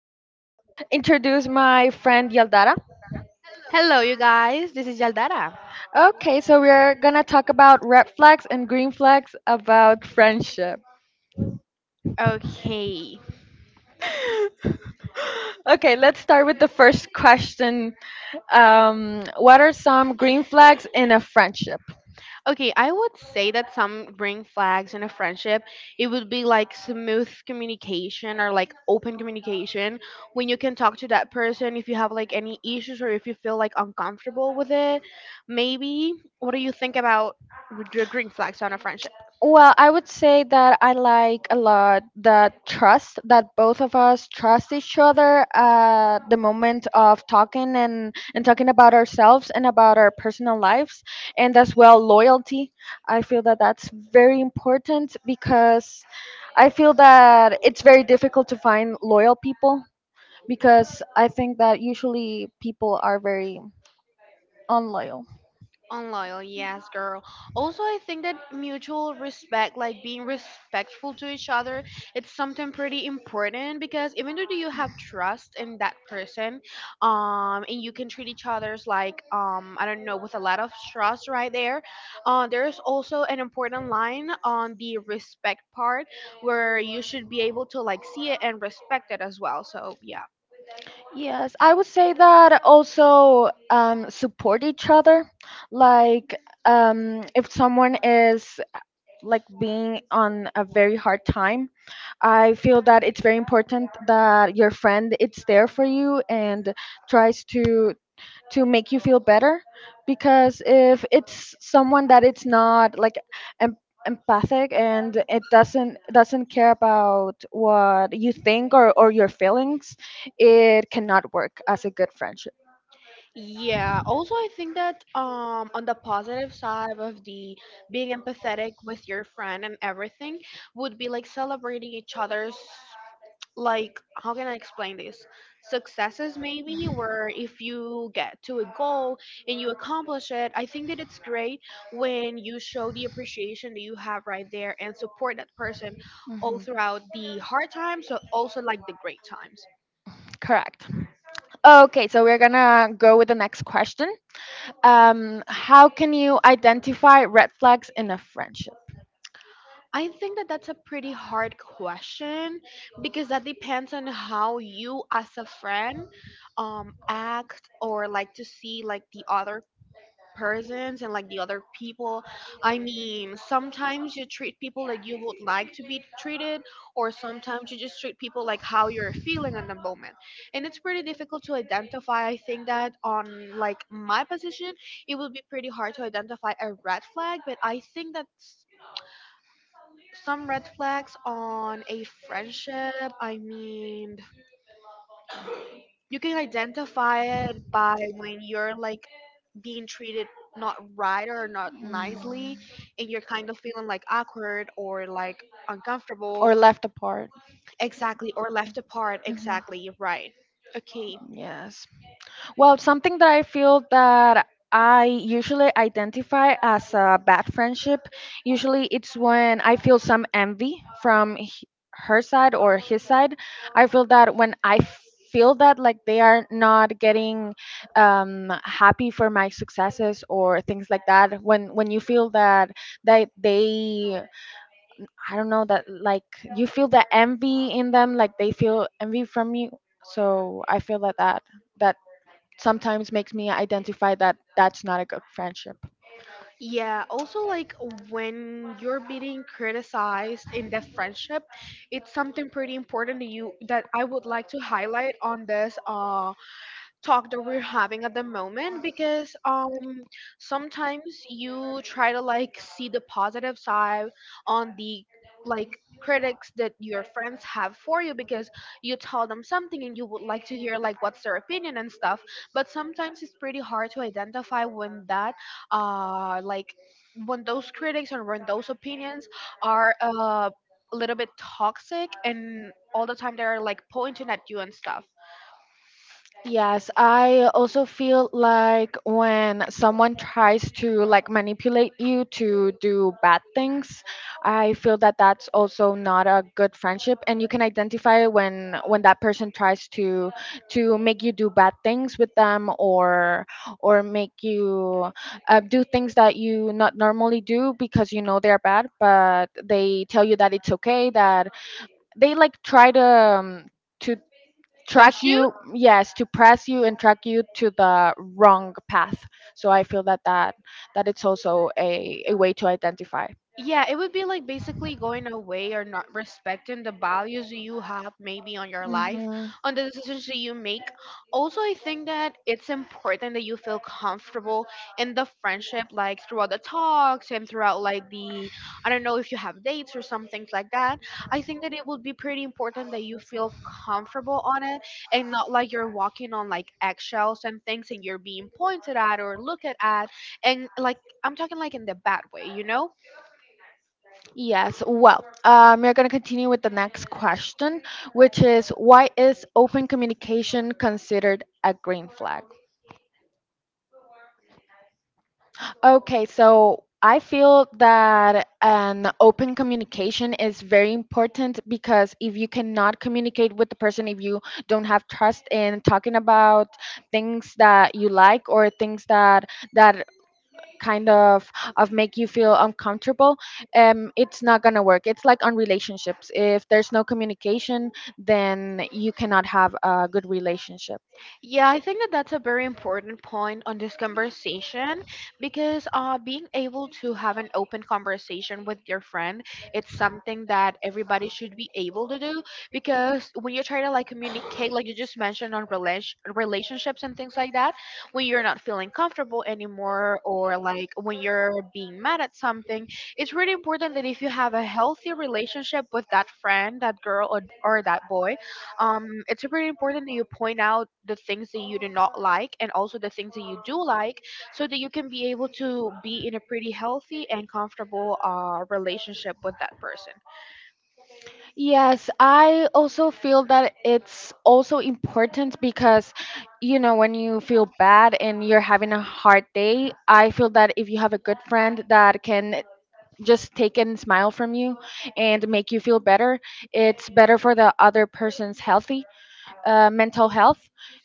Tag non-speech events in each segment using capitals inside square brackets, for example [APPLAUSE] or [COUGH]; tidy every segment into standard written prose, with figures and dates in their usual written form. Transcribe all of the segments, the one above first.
introduce my friend Yaldara. Hello, you guys. This is Yaldara. Okay, so we're gonna talk about red flags and green flags about friendship. Okay. Okay, let's start with the first question. What are some green flags in a friendship? Okay, I would say that some green flags in a friendship, it would be like smooth communication or like open communication when you can talk to that person if you have like any issues or if you feel like uncomfortable with it. Maybe. What do you think about the green flags on a friendship? Well, I would say that I like a lot the trust that both of us trust each other at the moment of talking and talking about ourselves and about our personal lives, and as well loyalty. I feel that that's very important because I feel that it's very difficult to find loyal people because I think that usually people are very unloyal. Unloyal, yes, girl. Also, I think that mutual respect, like being respectful to each other, it's something pretty important because even though you have trust in that person, and you can treat each other's like, I don't know, with a lot of trust right there. There's also an important line on the respect part where you should be able to like see it and respect it as well. So yeah. Yes, I would say that also support each other. Like, if someone is like being on a very hard time, I feel that it's very important that your friend it's there for you and tries to make you feel better because if it's someone that it's not like em- empathic and it doesn't care about what you think or your feelings, it cannot work as a good friendship. Yeah, also I think that on the positive side of the being empathetic with your friend and everything would be like celebrating each other's, like how can I explain this? Successes maybe, where if you get to a goal and you accomplish it, I think that it's great when you show the appreciation that you have right there and support that person all Mhm. throughout the hard times, but also like the great times. Correct. Okay, so we're gonna go with the next question. How can you identify red flags in a friendship? I think that that's a pretty hard question because that depends on how you as a friend act or like to see like the other persons and like the other people. I mean, sometimes you treat people like you would like to be treated or sometimes you just treat people like how you're feeling at the moment. And it's pretty difficult to identify. I think that on like my position, it would be pretty hard to identify a red flag, but I think that some red flags on a friendship. I mean, you can identify it by when you're like being treated not right or not nicely, Mm. and you're kind of feeling like awkward or like uncomfortable. Or left apart. Exactly, or left apart. Mhm. Exactly, right. Okay. Yes. Well, something that I feel that I usually identify as a bad friendship, usually it's when I feel some envy from her side or his side. I feel that when I feel that like they are not getting happy for my successes or things like that, when you feel that they, I don't know, that like you feel the envy in them, like they feel envy from you. So I feel that that sometimes makes me identify that that's not a good friendship. Yeah, also like when you're being criticized in the friendship, it's something pretty important to you that I would like to highlight on this talk that we're having at the moment, because sometimes you try to like see the positive side on the, like, critics that your friends have for you because you tell them something and you would like to hear like what's their opinion and stuff, but sometimes it's pretty hard to identify when that like, when those critics and when those opinions are a little bit toxic and all the time they're like pointing at you and stuff Yes, I also feel like when someone tries to like manipulate you to do bad things, I feel that that's also not a good friendship, and you can identify when that person tries to make you do bad things with them or make you do things that you not normally do because you know they're bad, but they tell you that it's okay, that they like try to um, to push track you. you, yes, to press you and track you to the wrong path. So I feel that that it's also a way to identify. Yeah, it would be like basically going away or not respecting the values that you have maybe on your life, Hmm. on the decisions that you make. Also, I think that it's important that you feel comfortable in the friendship, like throughout the talks and throughout like the, I don't know if you have dates or some things like that. I think that it would be pretty important that you feel comfortable on it and not like you're walking on like eggshells and things and you're being pointed at or looked at, and like I'm talking like in the bad way, you know? Yes, well, we're going to continue with the next question, which is, why is open communication considered a green flag? Okay, so I feel that an open communication is very important because if you cannot communicate with the person, if you don't have trust in talking about things that you like or things that that kind of make you feel uncomfortable, it's not gonna work. It's like on relationships. If there's no communication, then you cannot have a good relationship. Yeah, I think that that's a very important point on this conversation because being able to have an open conversation with your friend, it's something that everybody should be able to do because when you try to like communicate, like you just mentioned on relationships and things like that, when you're not feeling comfortable anymore or like when you're being mad at something, it's really important that if you have a healthy relationship with that friend, that girl or that boy, it's very important that you point out the things that you do not like and also the things that you do like so that you can be able to be in a pretty healthy and comfortable relationship with that person. Yes, I also feel that it's also important because, you know, when you feel bad and you're having a hard day, I feel that if you have a good friend that can just take and smile from you and make you feel better, it's better for the other person's healthy, mental health,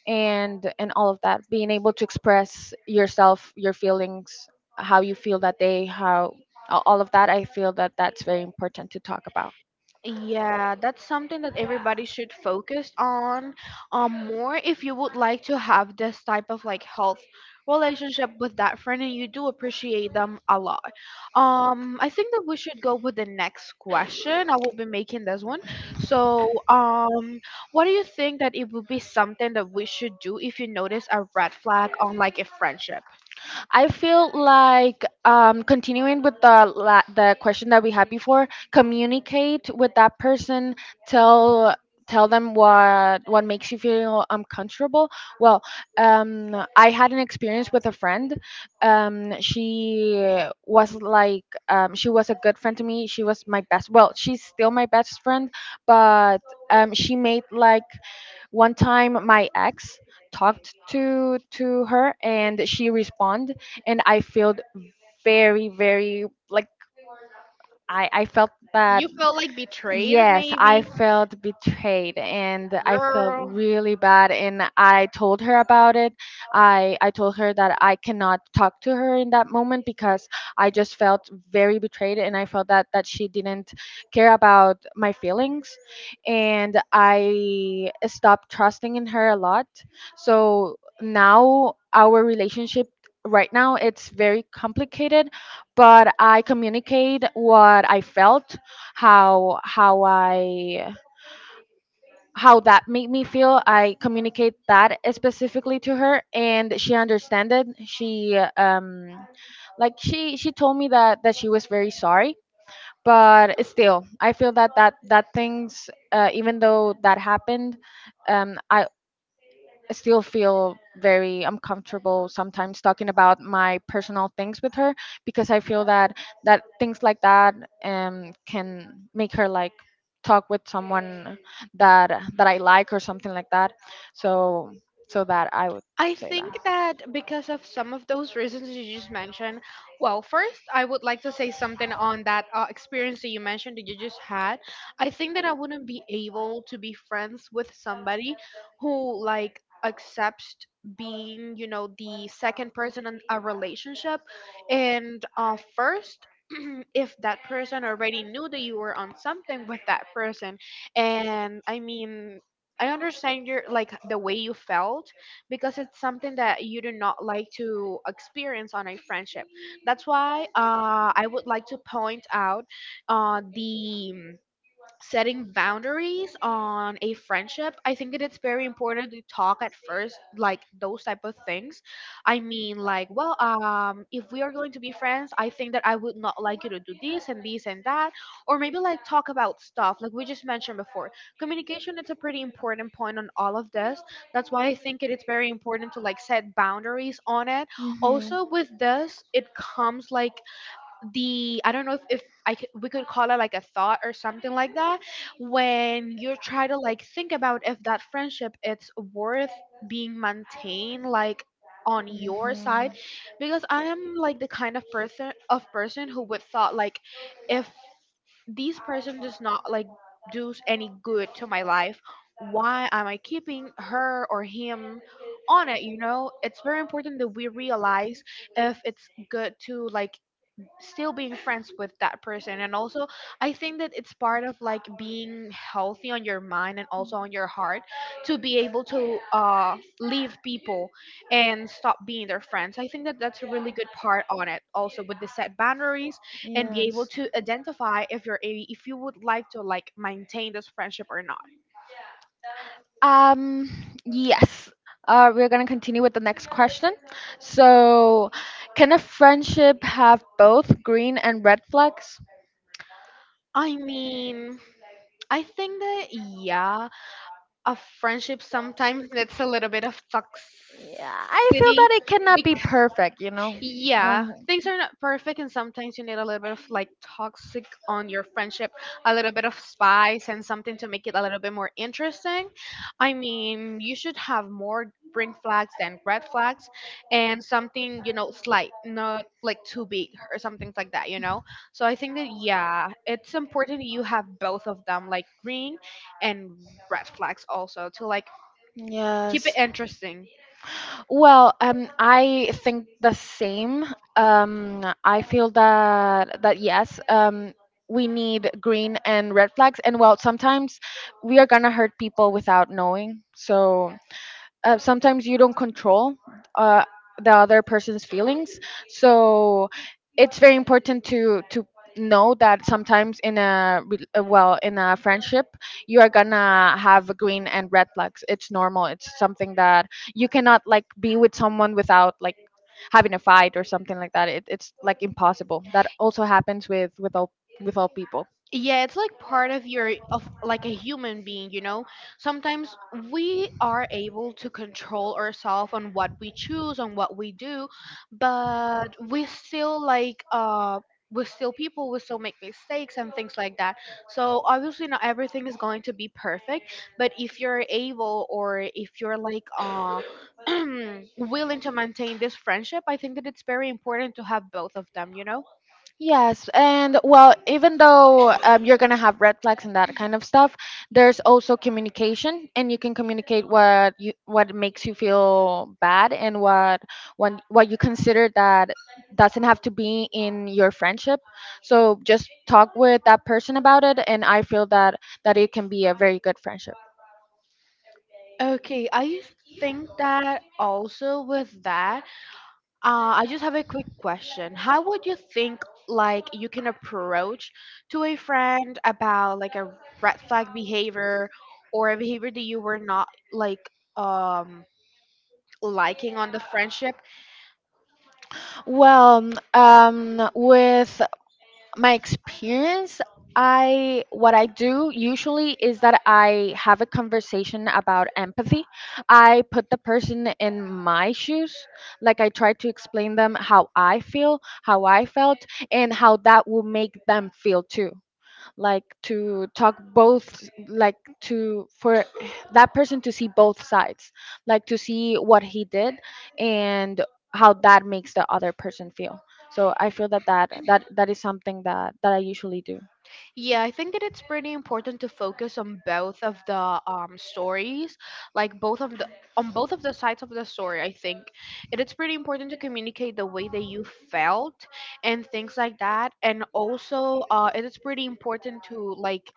and all of that. Being able to express yourself, your feelings, how you feel that day, how all of that, I feel that that's very important to talk about. Yeah, that's something that everybody should focus on more if you would like to have this type of like health relationship with that friend and you do appreciate them a lot. I think that we should go with the next question. I will be making this one. So, what do you think that it would be something that we should do if you notice a red flag on like a friendship? I feel like continuing with the the question that we had before, communicate with that person, tell them what makes you feel uncomfortable. Well, I had an experience with a friend. She was like she was a good friend to me. She was my best. Well, she's still my best friend, but she made like one time my ex talked to her and she responded, and I felt very like, I felt that. You felt like betrayed Yes, I maybe? felt betrayed and I felt Girl. really bad and I told her about it. I told her that I cannot talk to her in that moment because I just felt very betrayed and I felt that she didn't care about my feelings, and I stopped trusting in her a lot. So now our relationship right now it's very complicated, but I communicate what I felt, how I, how that made me feel. I communicate that specifically to her, and she understood it. She, she told me that she was very sorry, but still, I feel that that things, even though that happened, I still feel very uncomfortable sometimes talking about my personal things with her because I feel that things like that can make her like talk with someone that I like or something like that. So that I would I say that. think that because of some of those reasons you just mentioned, well, first, I would like to say something on that experience that you mentioned that you just had. I think that I wouldn't be able to be friends with somebody who, like, accepts being, you know, the second person in a relationship. And first, [CLEARS THROAT] if that person already knew that you were on something with that person, and I mean, I understand your like the way you felt because it's something that you do not like to experience on a friendship. That's why I would like to point out the setting boundaries on a friendship. I think that it's very important to talk at first like those type of things. I mean, like, well, if we are going to be friends, I think that I would not like you to do this and this and that, or maybe like talk about stuff like we just mentioned before. Communication is a pretty important point on all of this. That's why I think it is very important to like set boundaries on it. Hmm. Also with this it comes like the, I don't know if I we could call it like a thought or something like that, when you try to like think about if that friendship it's worth being maintained like on your Hmm. side, because I am like the kind of person who would thought like, if this person does not like do any good to my life, why am I keeping her or him on it? You know, it's very important that we realize if it's good to like still being friends with that person. And also, I think that it's part of like being healthy on your mind and also on your heart to be able to leave people and stop being their friends. I think that that's a really good part on it, also with the set boundaries, and be able Yes. to identify if if you would like to like maintain this friendship or not. Um, yes. We're going to continue with the next question. So, can a friendship have both green and red flags? I mean, I think that yeah, a friendship sometimes [LAUGHS] that's a little bit of Yeah, I feel toxicity. that it cannot be perfect, you know? Yeah, Uh, things are not perfect, and sometimes you need a little bit of like toxic on your friendship, a little bit of spice, and something to make it a little bit more interesting. I mean, you should have more green flags than red flags, and something you know slight, not like too big or something like that. You know, so I think that yeah, it's important you have both of them, like green and red flags, also to like keep it Yes. interesting. Well, I think the same. I feel that yes, we need green and red flags, and well, sometimes we are gonna hurt people without knowing. So sometimes you don't control uh, the other person's feelings. So it's very important to know that sometimes in a in a friendship you are gonna have green and red flags. It's normal. It's something that you cannot like be with someone without like having a fight or something like that. It, it's like impossible. That also happens with with all people. Yeah, it's like part of your of like a human being, you know? Sometimes we are able to control ourselves on what we choose, on what we do, but we still like we're still people, we still make mistakes and things like that. So obviously not everything is going to be perfect, but if you're able or if you're like [CLEARS THROAT] willing to maintain this friendship, I think that it's very important to have both of them, you know? Yes, and well, even though, you're gonna have red flags and that kind of stuff, there's also communication, and you can communicate what you, what makes you feel bad, and what, when what you consider that doesn't have to be in your friendship. So just talk with that person about it, and I feel that it can be a very good friendship. Okay, I think that also with that, I just have a quick question. How would you think like you can approach to a friend about like a red flag behavior or a behavior that you were not like um liking on the friendship? Well, with my experience, I, what I do usually is that I have a conversation about empathy. I put the person in my shoes. Like, I try to explain them how I feel, how I felt, and how that will make them feel too. Like, to talk both, like to, for that person to see both sides, like to see what he did and how that makes the other person feel. So I feel that that is something that I usually do. Yeah, I think that it's pretty important to focus on both of the stories, like both of the on both of the sides of the story. I think it is pretty important to communicate the way that you felt and things like that, and also it is pretty important to like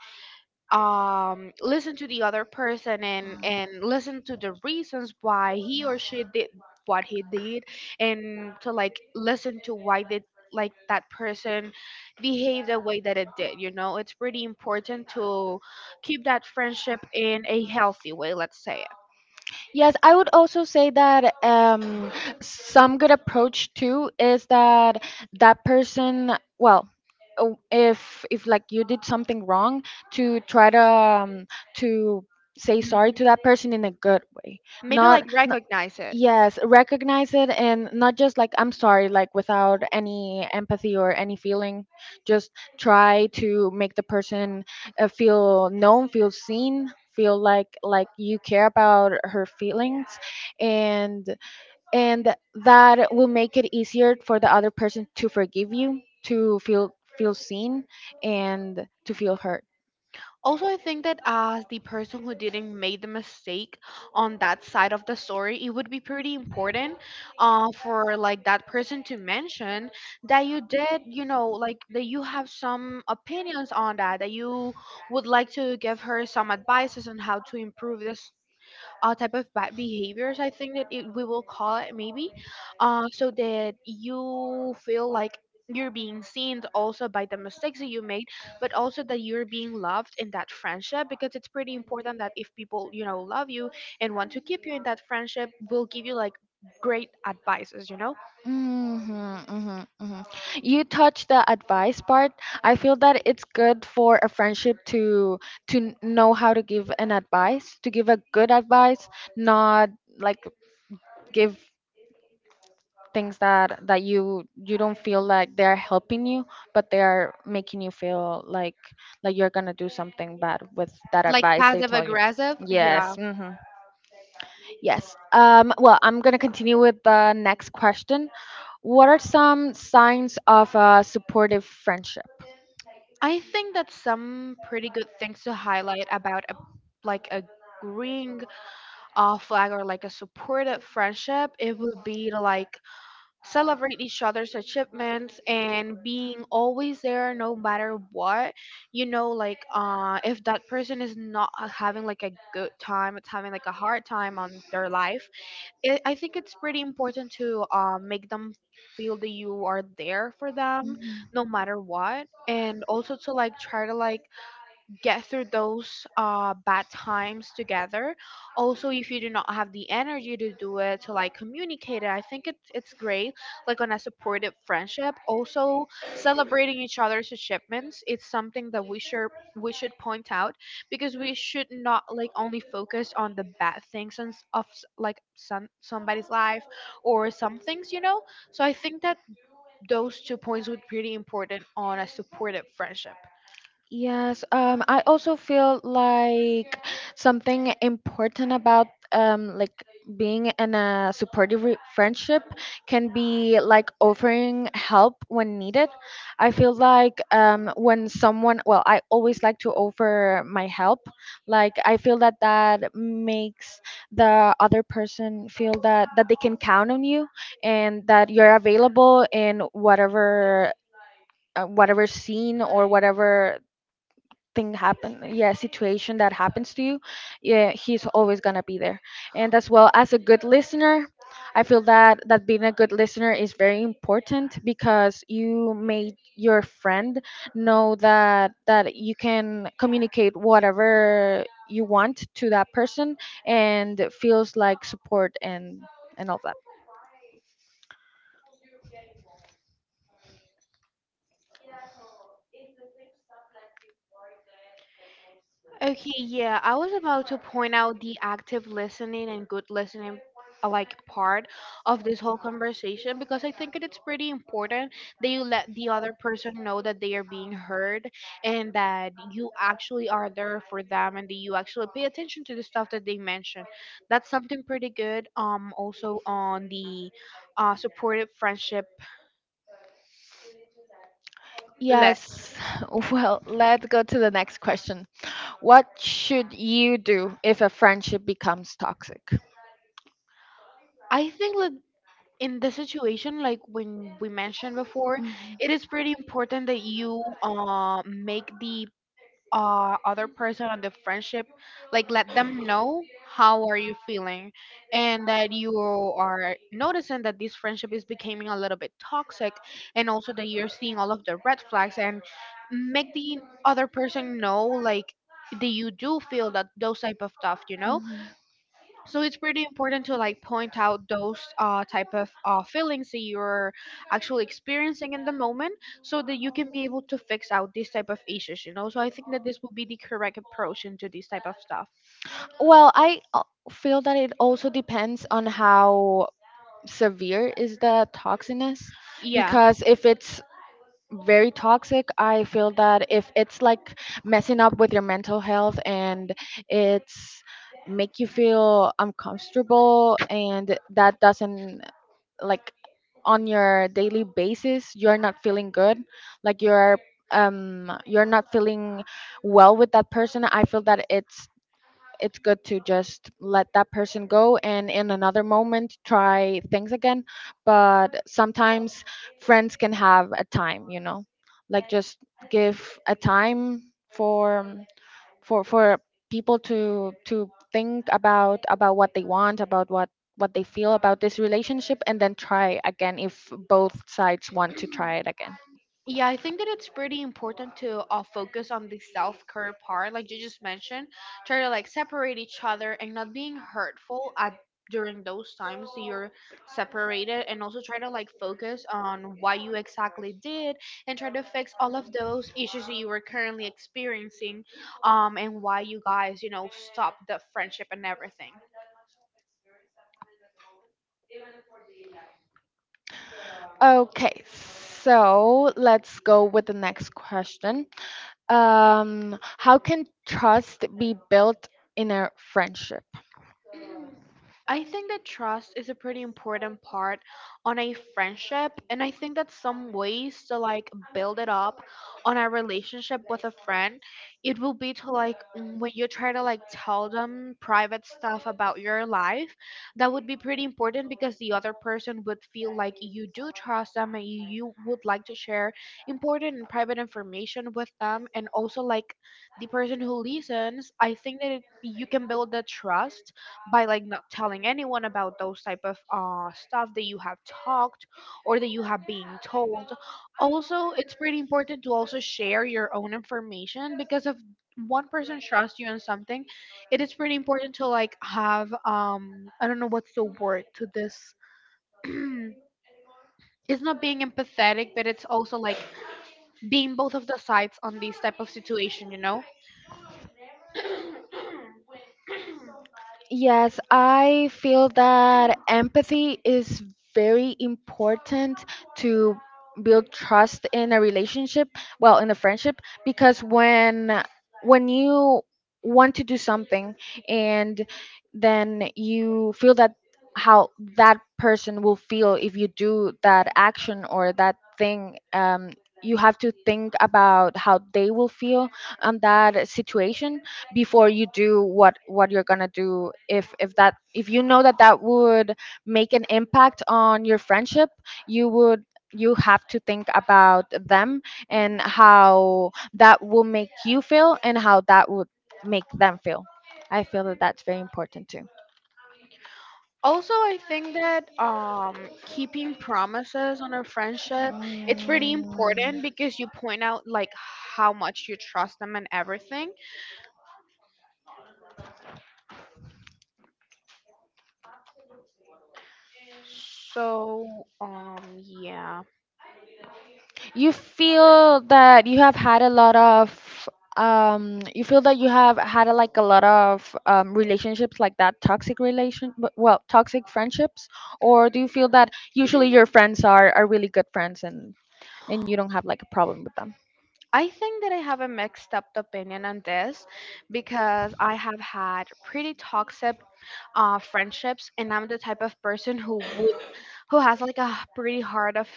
listen to the other person and listen to the reasons why he or she did what he did, and to like listen to why did like that person behave the way that it did. You know, it's pretty important to keep that friendship in a healthy way, let's say. Yes, I would also say that some good approach too is that that person, well, if like you did something wrong, to try to to say sorry Mhm. to that person in a good way, Maybe not, like not recognize it. yes, recognize it and not just like, I'm sorry, like without any empathy or any feeling, just try to make the person feel known, feel seen, feel like you care about her feelings, and and that will make it easier for the other person to forgive you, to feel, feel seen, and to feel heard. Also, I think that as the person who didn't make the mistake on that side of the story, it would be pretty important for like that person to mention that you did, you know, like that you have some opinions on that, that you would like to give her some advices on how to improve this type of bad behaviors. I think that it, we will call it maybe, so that you feel like you're being seen also by the mistakes that you made, but also that you're being loved in that friendship, because it's pretty important that if people, you know, love you and want to keep you in that friendship, will give you like great advices, you know. Hmm. Hmm. Hmm. You touched the advice part. I feel that it's good for a friendship to know how to give an advice, to give a good advice, not like give things that you don't feel like they're helping you, but they are making you feel like you're gonna do something bad with that Like advice they passive told you. aggressive, Yes. yeah. Hmm. Yes, well, I'm gonna continue with the next question. What are some signs of a supportive friendship? I think that's some pretty good things to highlight about a, like agreeing flag or like a supportive friendship. It would be to like celebrate each other's achievements and being always there no matter what. You know, like if that person is not having like a good time, it's having like a hard time on their life. It, I think it's pretty important to make them feel that you are there for them Mhm. no matter what, and also to like try to like get through those bad times together. Also, if you do not have the energy to do it, to like communicate it, I think it's great, like on a supportive friendship. Also, celebrating each other's achievements, it's something that we should point out, because we should not like only focus on the bad things and like somebody's life or some things, you know. So I think that those two points would be really important on a supportive friendship. Yes, I also feel like something important about, being in a friendship can be like offering help when needed. I feel like when someone, well, I always like to offer my help. Like, I feel that that makes the other person feel that they can count on you and that you're available in whatever whatever scene or whatever thing happen, yeah, situation that happens to you. Yeah, he's always gonna be there. And as well as a good listener, I feel that being a good listener is very important because you made your friend know that you can communicate whatever you want to that person, and it feels like support and all that. Okay, yeah, I was about to point out the active listening and good listening like part of this whole conversation, because I think it's pretty important that you let the other person know that they are being heard, and that you actually are there for them, and that you actually pay attention to the stuff that they mention. That's something pretty good. Also on the supportive friendship list. Yes. [SIGHS] [LAUGHS] Well, let's go to the next question. What should you do if a friendship becomes toxic? I think that in this situation, like when we mentioned before, Mhm, it is pretty important that you make the other person on the friendship, like let them know how are you feeling, and that you are noticing that this friendship is becoming a little bit toxic, and also that you're seeing all of the red flags, and make the other person know like that you do feel that those type of stuff, you know. mhm. So it's pretty important to like point out those type of feelings that you're actually experiencing in the moment, so that you can be able to fix out these type of issues, you know. So I think that this will be the correct approach into this type of stuff. Well, I, feel that it also depends on how severe is the toxiness, Yeah. because if it's very toxic. I feel that if it's like messing up with your mental health and it's make you feel uncomfortable, and that doesn't, like, on your daily basis you're not feeling good, like you're, you're not feeling well with that person, I feel that it's good to just let that person go, and in another moment try things again. But sometimes friends can have a time, like just give a time for for people to think about what they want, about what they feel about this relationship, and then try again if both sides want to try it again. Yeah, I think that it's pretty important to focus on the self care part, like you just mentioned. Try to like separate each other and not being hurtful at during those times that you're separated, and also try to like focus on what you exactly did and try to fix all of those issues that you were currently experiencing, and why you guys, you know, stopped the friendship and everything. Okay, so let's go with the next question. How can trust be built in a friendship? I think that trust is a pretty important part on a friendship. And I think that some ways to like build it up on a relationship with a friend, it will be to like when you try to like tell them private stuff about your life, that would be pretty important, because the other person would feel like you do trust them and you would like to share important and private information with them. And also, like the person who listens, I think that it, you can build that trust by like not telling anyone about those type of stuff that you have talked or that you have been told. Also, it's pretty important to also share your own information, because if one person trusts you on something, it is pretty important to like have I don't know what's the word to this. [CLEARS THROAT] It's not being empathetic, but it's also like being both of the sides on this type of situation, you know. Yes, I feel that empathy is very important to build trust in a relationship, well, in a friendship, because when you want to do something and then you feel that how that person will feel if you do that action or that thing, you have to think about how they will feel on that situation before you do what you're gonna do if that, if you know that that would make an impact on your friendship, you would you have to think about them, and how that will make you feel and how that would make them feel. I feel that that's very important too. Also, I think that keeping promises on a friendship, Mm. it's really important because you point out like how much you trust them and everything. So yeah. you feel that you have had a lot of You feel that you have had a, like a lot of relationships, like that toxic relation, well toxic friendships? Or do you feel that usually your friends are really good friends, and you don't have like a problem with... I think that I have a mixed up opinion on this, because I have had pretty toxic friendships, and I'm the type of person who has like a pretty hard of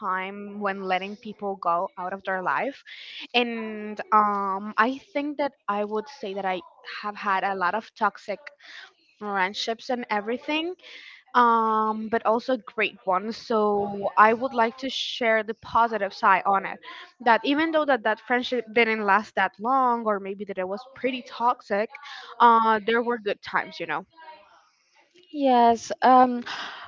time when letting people go out of their life. And I think that I would say that I have had a lot of toxic friendships and everything. But also great ones, so I would like to share the positive side on it, that even though that that friendship didn't last that long, or maybe that it was pretty toxic, there were good times, you know. Yes.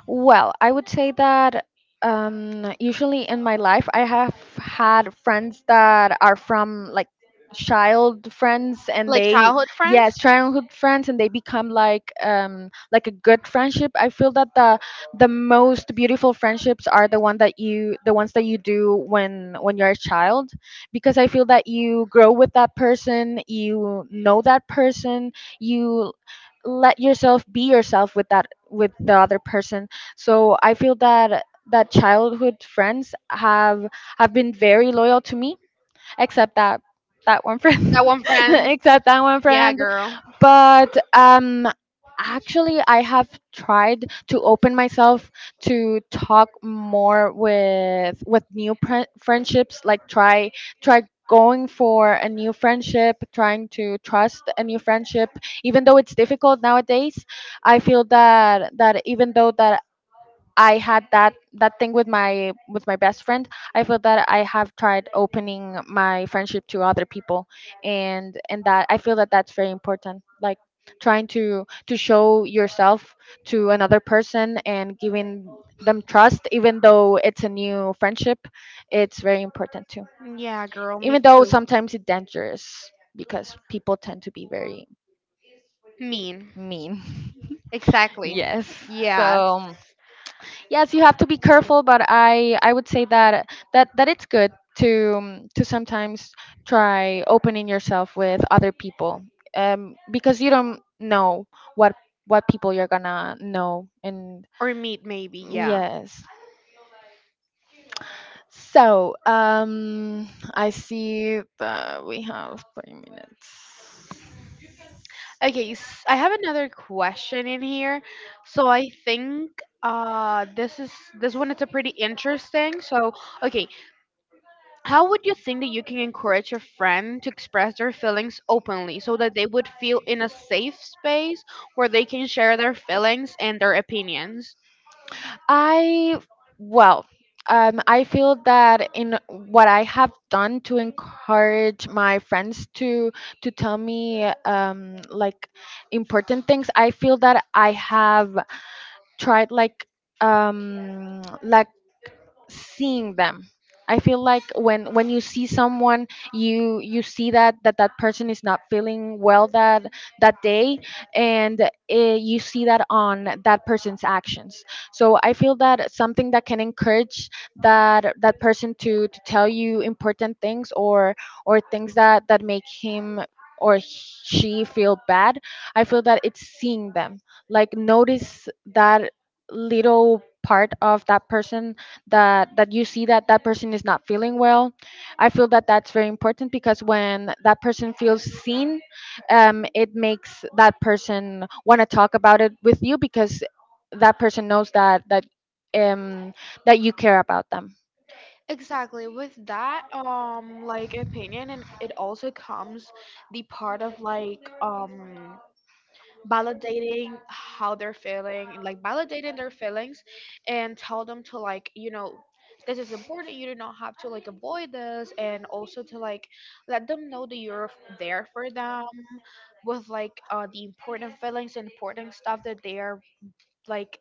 Well, I would say that usually in my life, I have had friends that are from like child friends, and Like they... childhood friends. yes, childhood friends, and they become like a good friendship. I feel that the most beautiful friendships are the ones that you do when you're a child, because I feel that you grow with that person, you know that person, you let yourself be yourself with the other person. So I feel that childhood friends have been very loyal to me, except that that one friend. That one [LAUGHS] friend. Except that one Yeah, friend. girl. But actually, I have tried to open myself to talk more with new friendships, like try going for a new friendship, trying to trust a new friendship, even though it's difficult nowadays. I feel that, that even though that I had that that thing with my best friend. I feel that I have tried opening my friendship to other people, and that I feel that that's very important. Like trying to show yourself to another person and giving them trust, even though it's a new friendship, it's very important too. Yeah, girl, me Even though too. sometimes it's dangerous because people tend to be very Mean. mean. [LAUGHS] Exactly. Yes. Yes. So, yes, you have to be careful, but I would say that it's good to sometimes try opening yourself with other people, because you don't know what people you're gonna know, and... Or meat, maybe. Yeah. yes. So, I see that we have 3 minutes. Okay, s I have another question in here. So I think this is this one is a pretty interesting. So, okay, how would you think that you can encourage a friend to express their feelings openly, so that they would feel in a safe space where they can share their feelings and their opinions? I Well, I feel that in what I have done to encourage my friends to tell me like important things, I feel that I have tried, like, like seeing them. I feel like when you see someone, you see that that person is not feeling well that day, and you see that on that person's actions. So I feel that something that can encourage that person to tell you important things, or things that make him or she feel bad. I feel that it's seeing them, like, notice that little part of that person, that you see that that person is not feeling well. I feel that that's very important, because when that person feels seen, it makes that person want to talk about it with you, because that person knows um, that you care about them. Exactly. With that like opinion, and it also comes the part of like validating how they're feeling, like validating their feelings, and tell them to like, you know, this is important. You do not have to like avoid this, and also to like let them know that you're there for them with like the important feelings, important stuff that they are like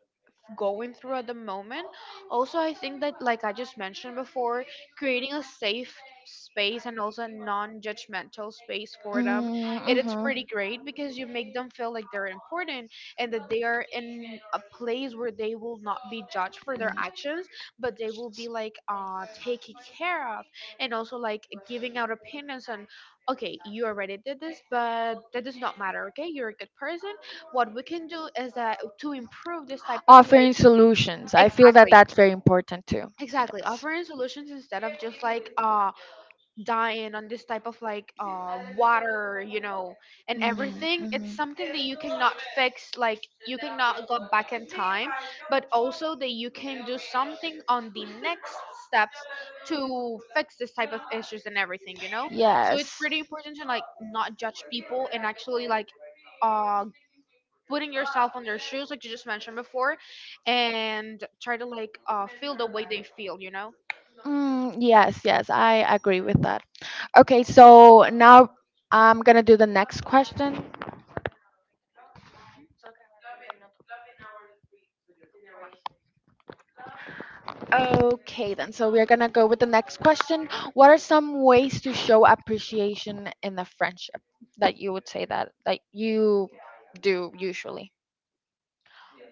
going through at the moment. Also, I think that, like I just mentioned before, creating a safe space and also a non-judgmental space for them, it's Mm, pretty great, because you make them feel like they're important, mm-hmm. and that they are in a place where they will not be judged for their actions, but they will be like taken care of. And also like giving out opinions on, okay, you already did this, but that does not matter, okay, you're a good person. What we can do is that to improve this type of Offering like. solutions. I feel that Exactly. that's very important too. Exactly. Offering solutions instead of just like dying on this type of like water, you know, and everything. It's something that you cannot fix, like you cannot go back in time, but also that you can do something on the next steps to fix this type of issues and everything, you know? So it's Yes. pretty important to like not judge people and actually like uh putting yourself on their shoes like you just mentioned before, and try to like feel the way they feel, you know. Mm, yes, yes, I agree with that. Okay, so now I'm gonna do the next question. Okay, then, so we're gonna go with the next question. What are some ways to show appreciation in a friendship that you would say that you do usually?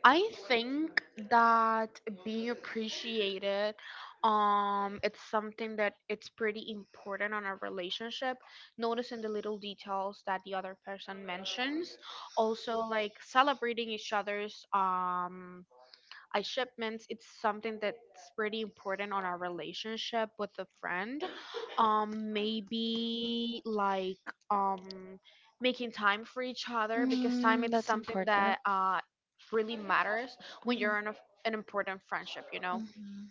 I think that being appreciated, it's something that it's pretty important on a relationship. Noticing the little details that the other person mentions, also like celebrating each other's I shipments. It's something that's pretty important on our relationship with a friend. Maybe like um, making time for each other, because time Mm, it's that's something important. that really matters when Mhm, you're in a, an important friendship. You know mhm.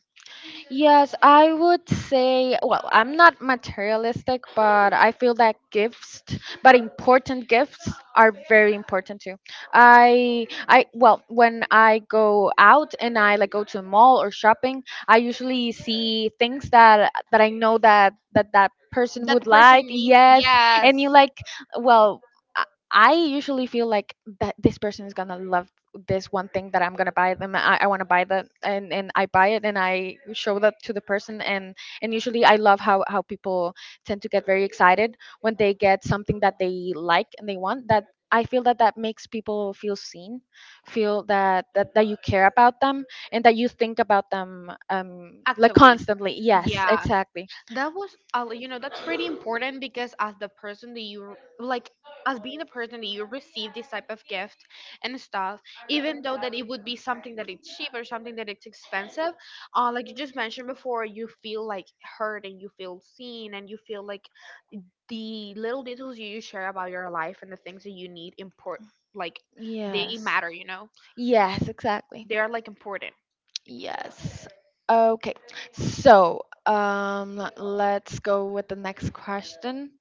Yes, I would say, well, I'm not materialistic, but I feel that but important gifts are very important too. I well, when I go out and I like go to a mall or shopping, I usually see things that I know that that person that the would person like. needs, Yes, yes. and you like, well, I I usually feel like that this person is gonna love this one thing that I'm gonna buy them. I want to buy that, and I buy it, and I show that to the person, and usually I love how people tend to get very excited when they get something that they like and they want. That, I feel that, that makes people feel seen, feel that that you care about them, and that you think about them like Actively. constantly. Yes, Yeah. exactly. That was, like, you know, that's pretty important because as the person that you, like, as being the person that you receive this type of gift and stuff, even though that it would be something that it's cheap or something that it's expensive, like you just mentioned before, you feel like heard, and you feel seen, and you feel like the little details you share about your life and the things that you need import, like, they Yes. matter, you know, Yes, exactly. they are like important. Yes. Okay. So, let's go with the next question.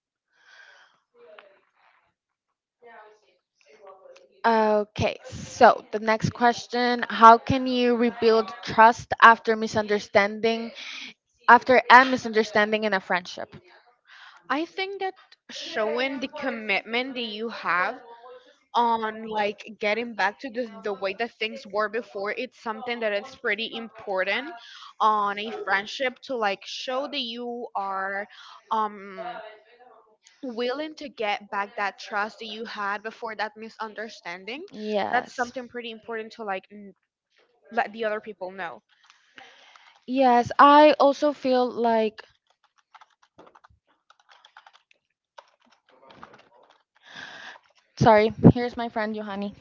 Okay. So, the next question: how can you rebuild trust after after a misunderstanding in a friendship? I think that showing the commitment that you have on like getting back to the way that things were before, it's something that is pretty important on a friendship, to like show that you are um willing to get back that trust that you had before that misunderstanding. That's Yes. something pretty important to like let the other people know. Yes, I also feel like... sorry, here's my friend Johanny.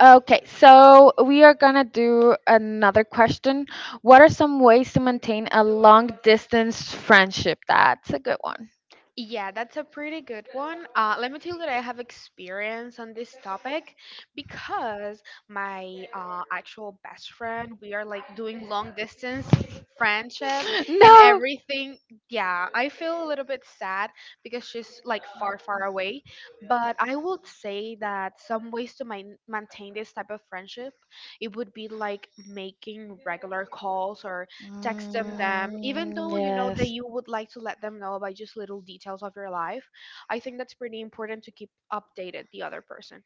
Okay, so we are gonna do another question. What are some ways to maintain a long distance friendship? That's a good one. Yeah, that's a pretty good one. Let me tell you that I have experience on this topic, because my actual best friend, we are like doing long distance friendship [LAUGHS] and No. everything. Yeah, I feel a little bit sad because she's like far, far away. But I would say that some ways to maintain this type of friendship, it would be like making regular calls or text them even Mm, though, you know, that yes. you would like to let them know about just little details of your life. I think that's pretty important to keep updated the other person.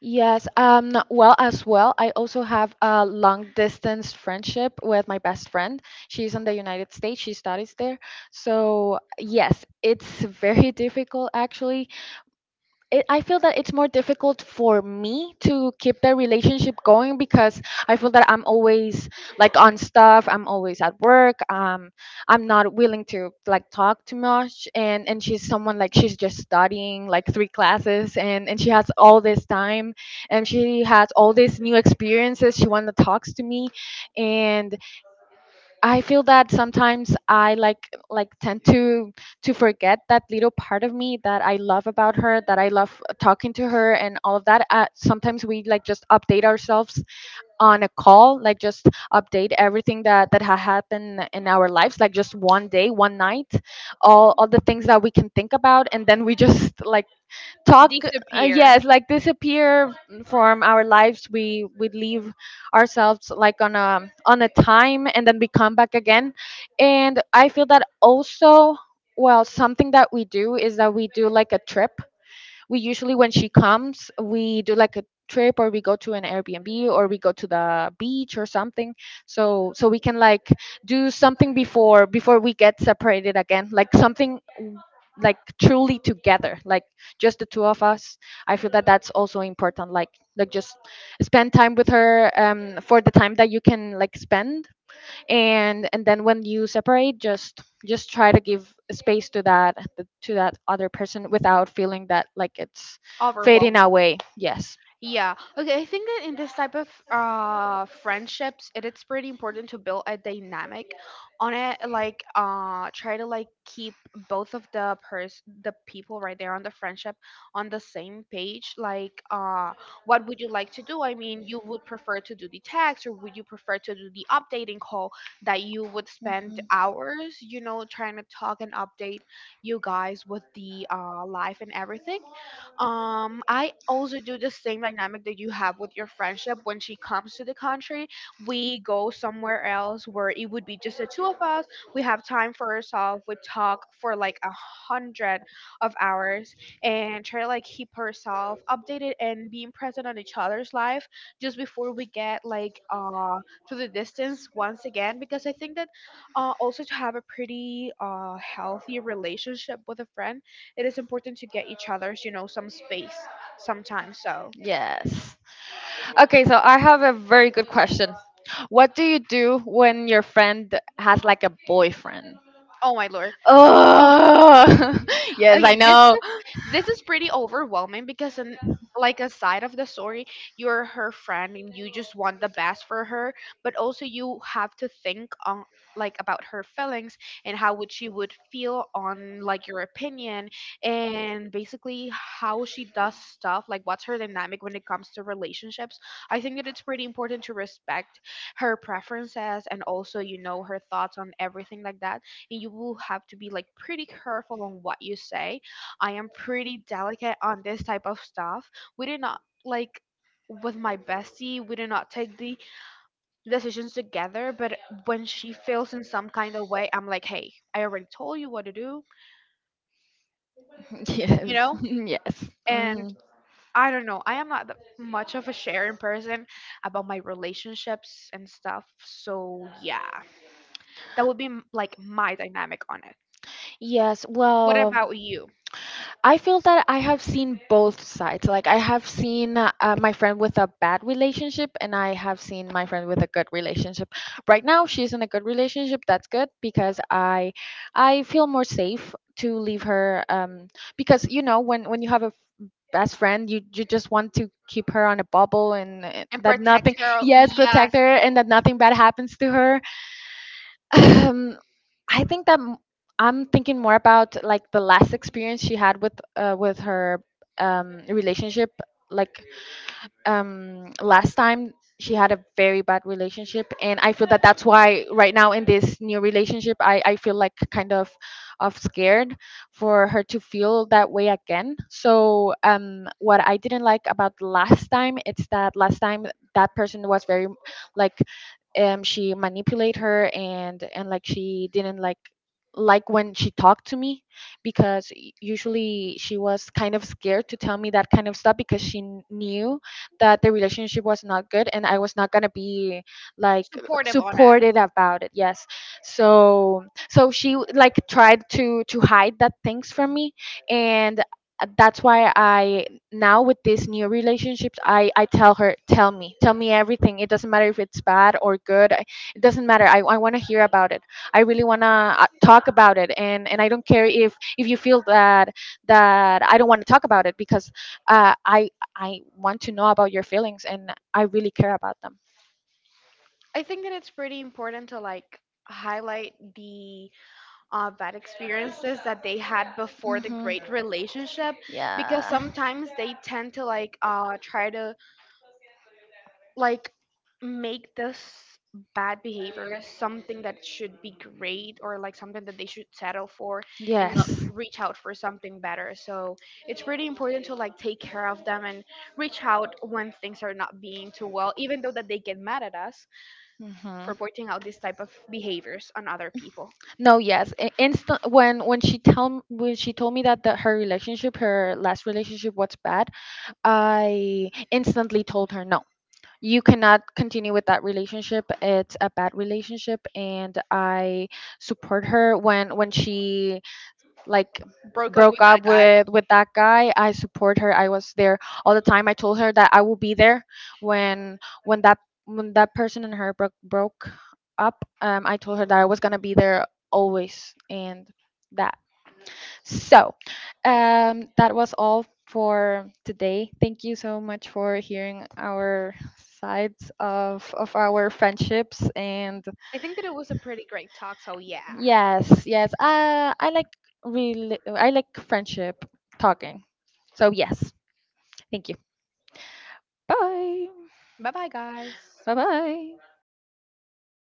Yes, well, as well, I also have a long distance friendship with my best friend. She's in the United States, she studies there. So, yes, it's [LAUGHS] very difficult, actually I feel that it's more difficult for me to keep the relationship going, because I feel that I'm always like on stuff. I'm always at work. I'm not willing to like talk too much. And she's someone, like, she's just studying like three classes, and she has all this time, and she has all these new experiences. She wants to talks to me, and I feel that sometimes I like tend to forget that little part of me that I love about her, that I love talking to her and all of that. Sometimes we like just update ourselves on a call, like just update everything that had happened in our lives, like just one day, one night, all the things that we can think about, and then we just like talk, yes, like disappear from our lives. We leave ourselves like on a time, and then we come back again. And I feel that also... well, something that we do is that we do like a trip. We usually, when she comes, we do like a trip, or we go to an airbnb, or we go to the beach or something, so we can like do something before we get separated again, like something, like truly together, like just the two of us. I feel that that's also important, like... like just spend time with her for the time that you can like spend. And then, when you separate, just try to give space to that other person without feeling that like it's... Overwhelming. fading away, yes. Yeah. Okay. I think that in this type of friendships, it is pretty important to build a dynamic on it. Like try to like keep both of the pers the people right there on the friendship on the same page. Like what would you like to do? I mean, you would prefer to do the text, or would you prefer to do the updating call that you would spend Mhm. hours, you know, trying to talk and update you guys with the life and everything. I also do the same dynamic that you have with your friendship. When she comes to the country, we go somewhere else where it would be just the two of us. We have time for ourselves. We talk for like a hundred of hours, and try to like keep herself updated and being present on each other's life, just before we get like to the distance once again. Because I think that also to have a pretty healthy relationship with a friend, it is important to get each other's, you know, some space sometimes. So, Yes, okay, so I have a very good question: what do you do when your friend has like a boyfriend? oh my lord. Oh. Oh, [LAUGHS] yes, I Okay, know. This is pretty overwhelming, because in like a side of the story, you're her friend and you just want the best for her, but also you have to think on like about her feelings, and how would she would feel on like your opinion, and basically how she does stuff, like what's her dynamic when it comes to relationships. I think that it's pretty important to respect her preferences, and also, you know, her thoughts on everything like that, and you will have to be like pretty careful on what you say. I am pretty delicate on this type of stuff. We did not like, with my bestie, we did not take the decisions together, but when she feels in some kind of way, I'm like, hey, I already told you what to do, you Yes, know? [LAUGHS] yes. And Mhm. I don't know, I am not that much of a sharing person about my relationships and stuff. So, yeah, that would be like my dynamic on it. Yes, What well. about you? I feel that I have seen both sides. Like, I have seen my friend with a bad relationship, and I have seen my friend with a good relationship. Right now, she's in a good relationship. That's good because I feel more safe to leave her. Because when you have a best friend, you just want to keep her on a bubble, and And that protect nothing... her. Yes, Yes, protect her, and that nothing bad happens to her. Um, I think that m- I'm thinking more about like the last experience she had with her relationship, like last time she had a very bad relationship, and I feel that that's why right now in this new relationship, I feel like kind of scared for her to feel that way again. So what I didn't like about last time, it's that last time that person was very, like, she manipulate her, and like she didn't like when she talked to me, because usually she was kind of scared to tell me that kind of stuff, because she knew that the relationship was not good and I was not gonna be like supportive on it. supported about it. Yes. So she like tried to hide that things from me, and that's why I, now with this new relationships, I tell me everything. It doesn't matter if it's bad or good. It doesn't matter. I want to hear about it. I really want to talk about it, and I don't care if you feel that I don't want to talk about it, because uh, I I want to know about your feelings, and I really care about them. I think that it's pretty important to like highlight the bad experiences that they had before the Hmm. great relationship, because Yeah. sometimes they tend to like try to like make this bad behavior something that should be great, or like something that they should settle for and not Yes. reach out for something better. So it's pretty important to like take care of them and reach out when things are not being too well, even though that they get mad at us Hmm. for pointing out these type of behaviors on other people. No, yes. Instant when she tell when she told me that her last relationship was bad, I instantly told her no. You cannot continue with that relationship. It's a bad relationship. And I support her when she like Broke up with broke that up guy. with that guy. I support her. I was there all the time. I told her that I will be there when that person and her broke up. I told her that I was gonna be there always, and that... So, that was all for today. Thank you so much for hearing our sides of our friendships, and I think that it was a pretty great talk. So yeah. yes, yes. I like really I like friendship talking. So, yes, thank you. Bye. Bye bye, guys. Bye bye.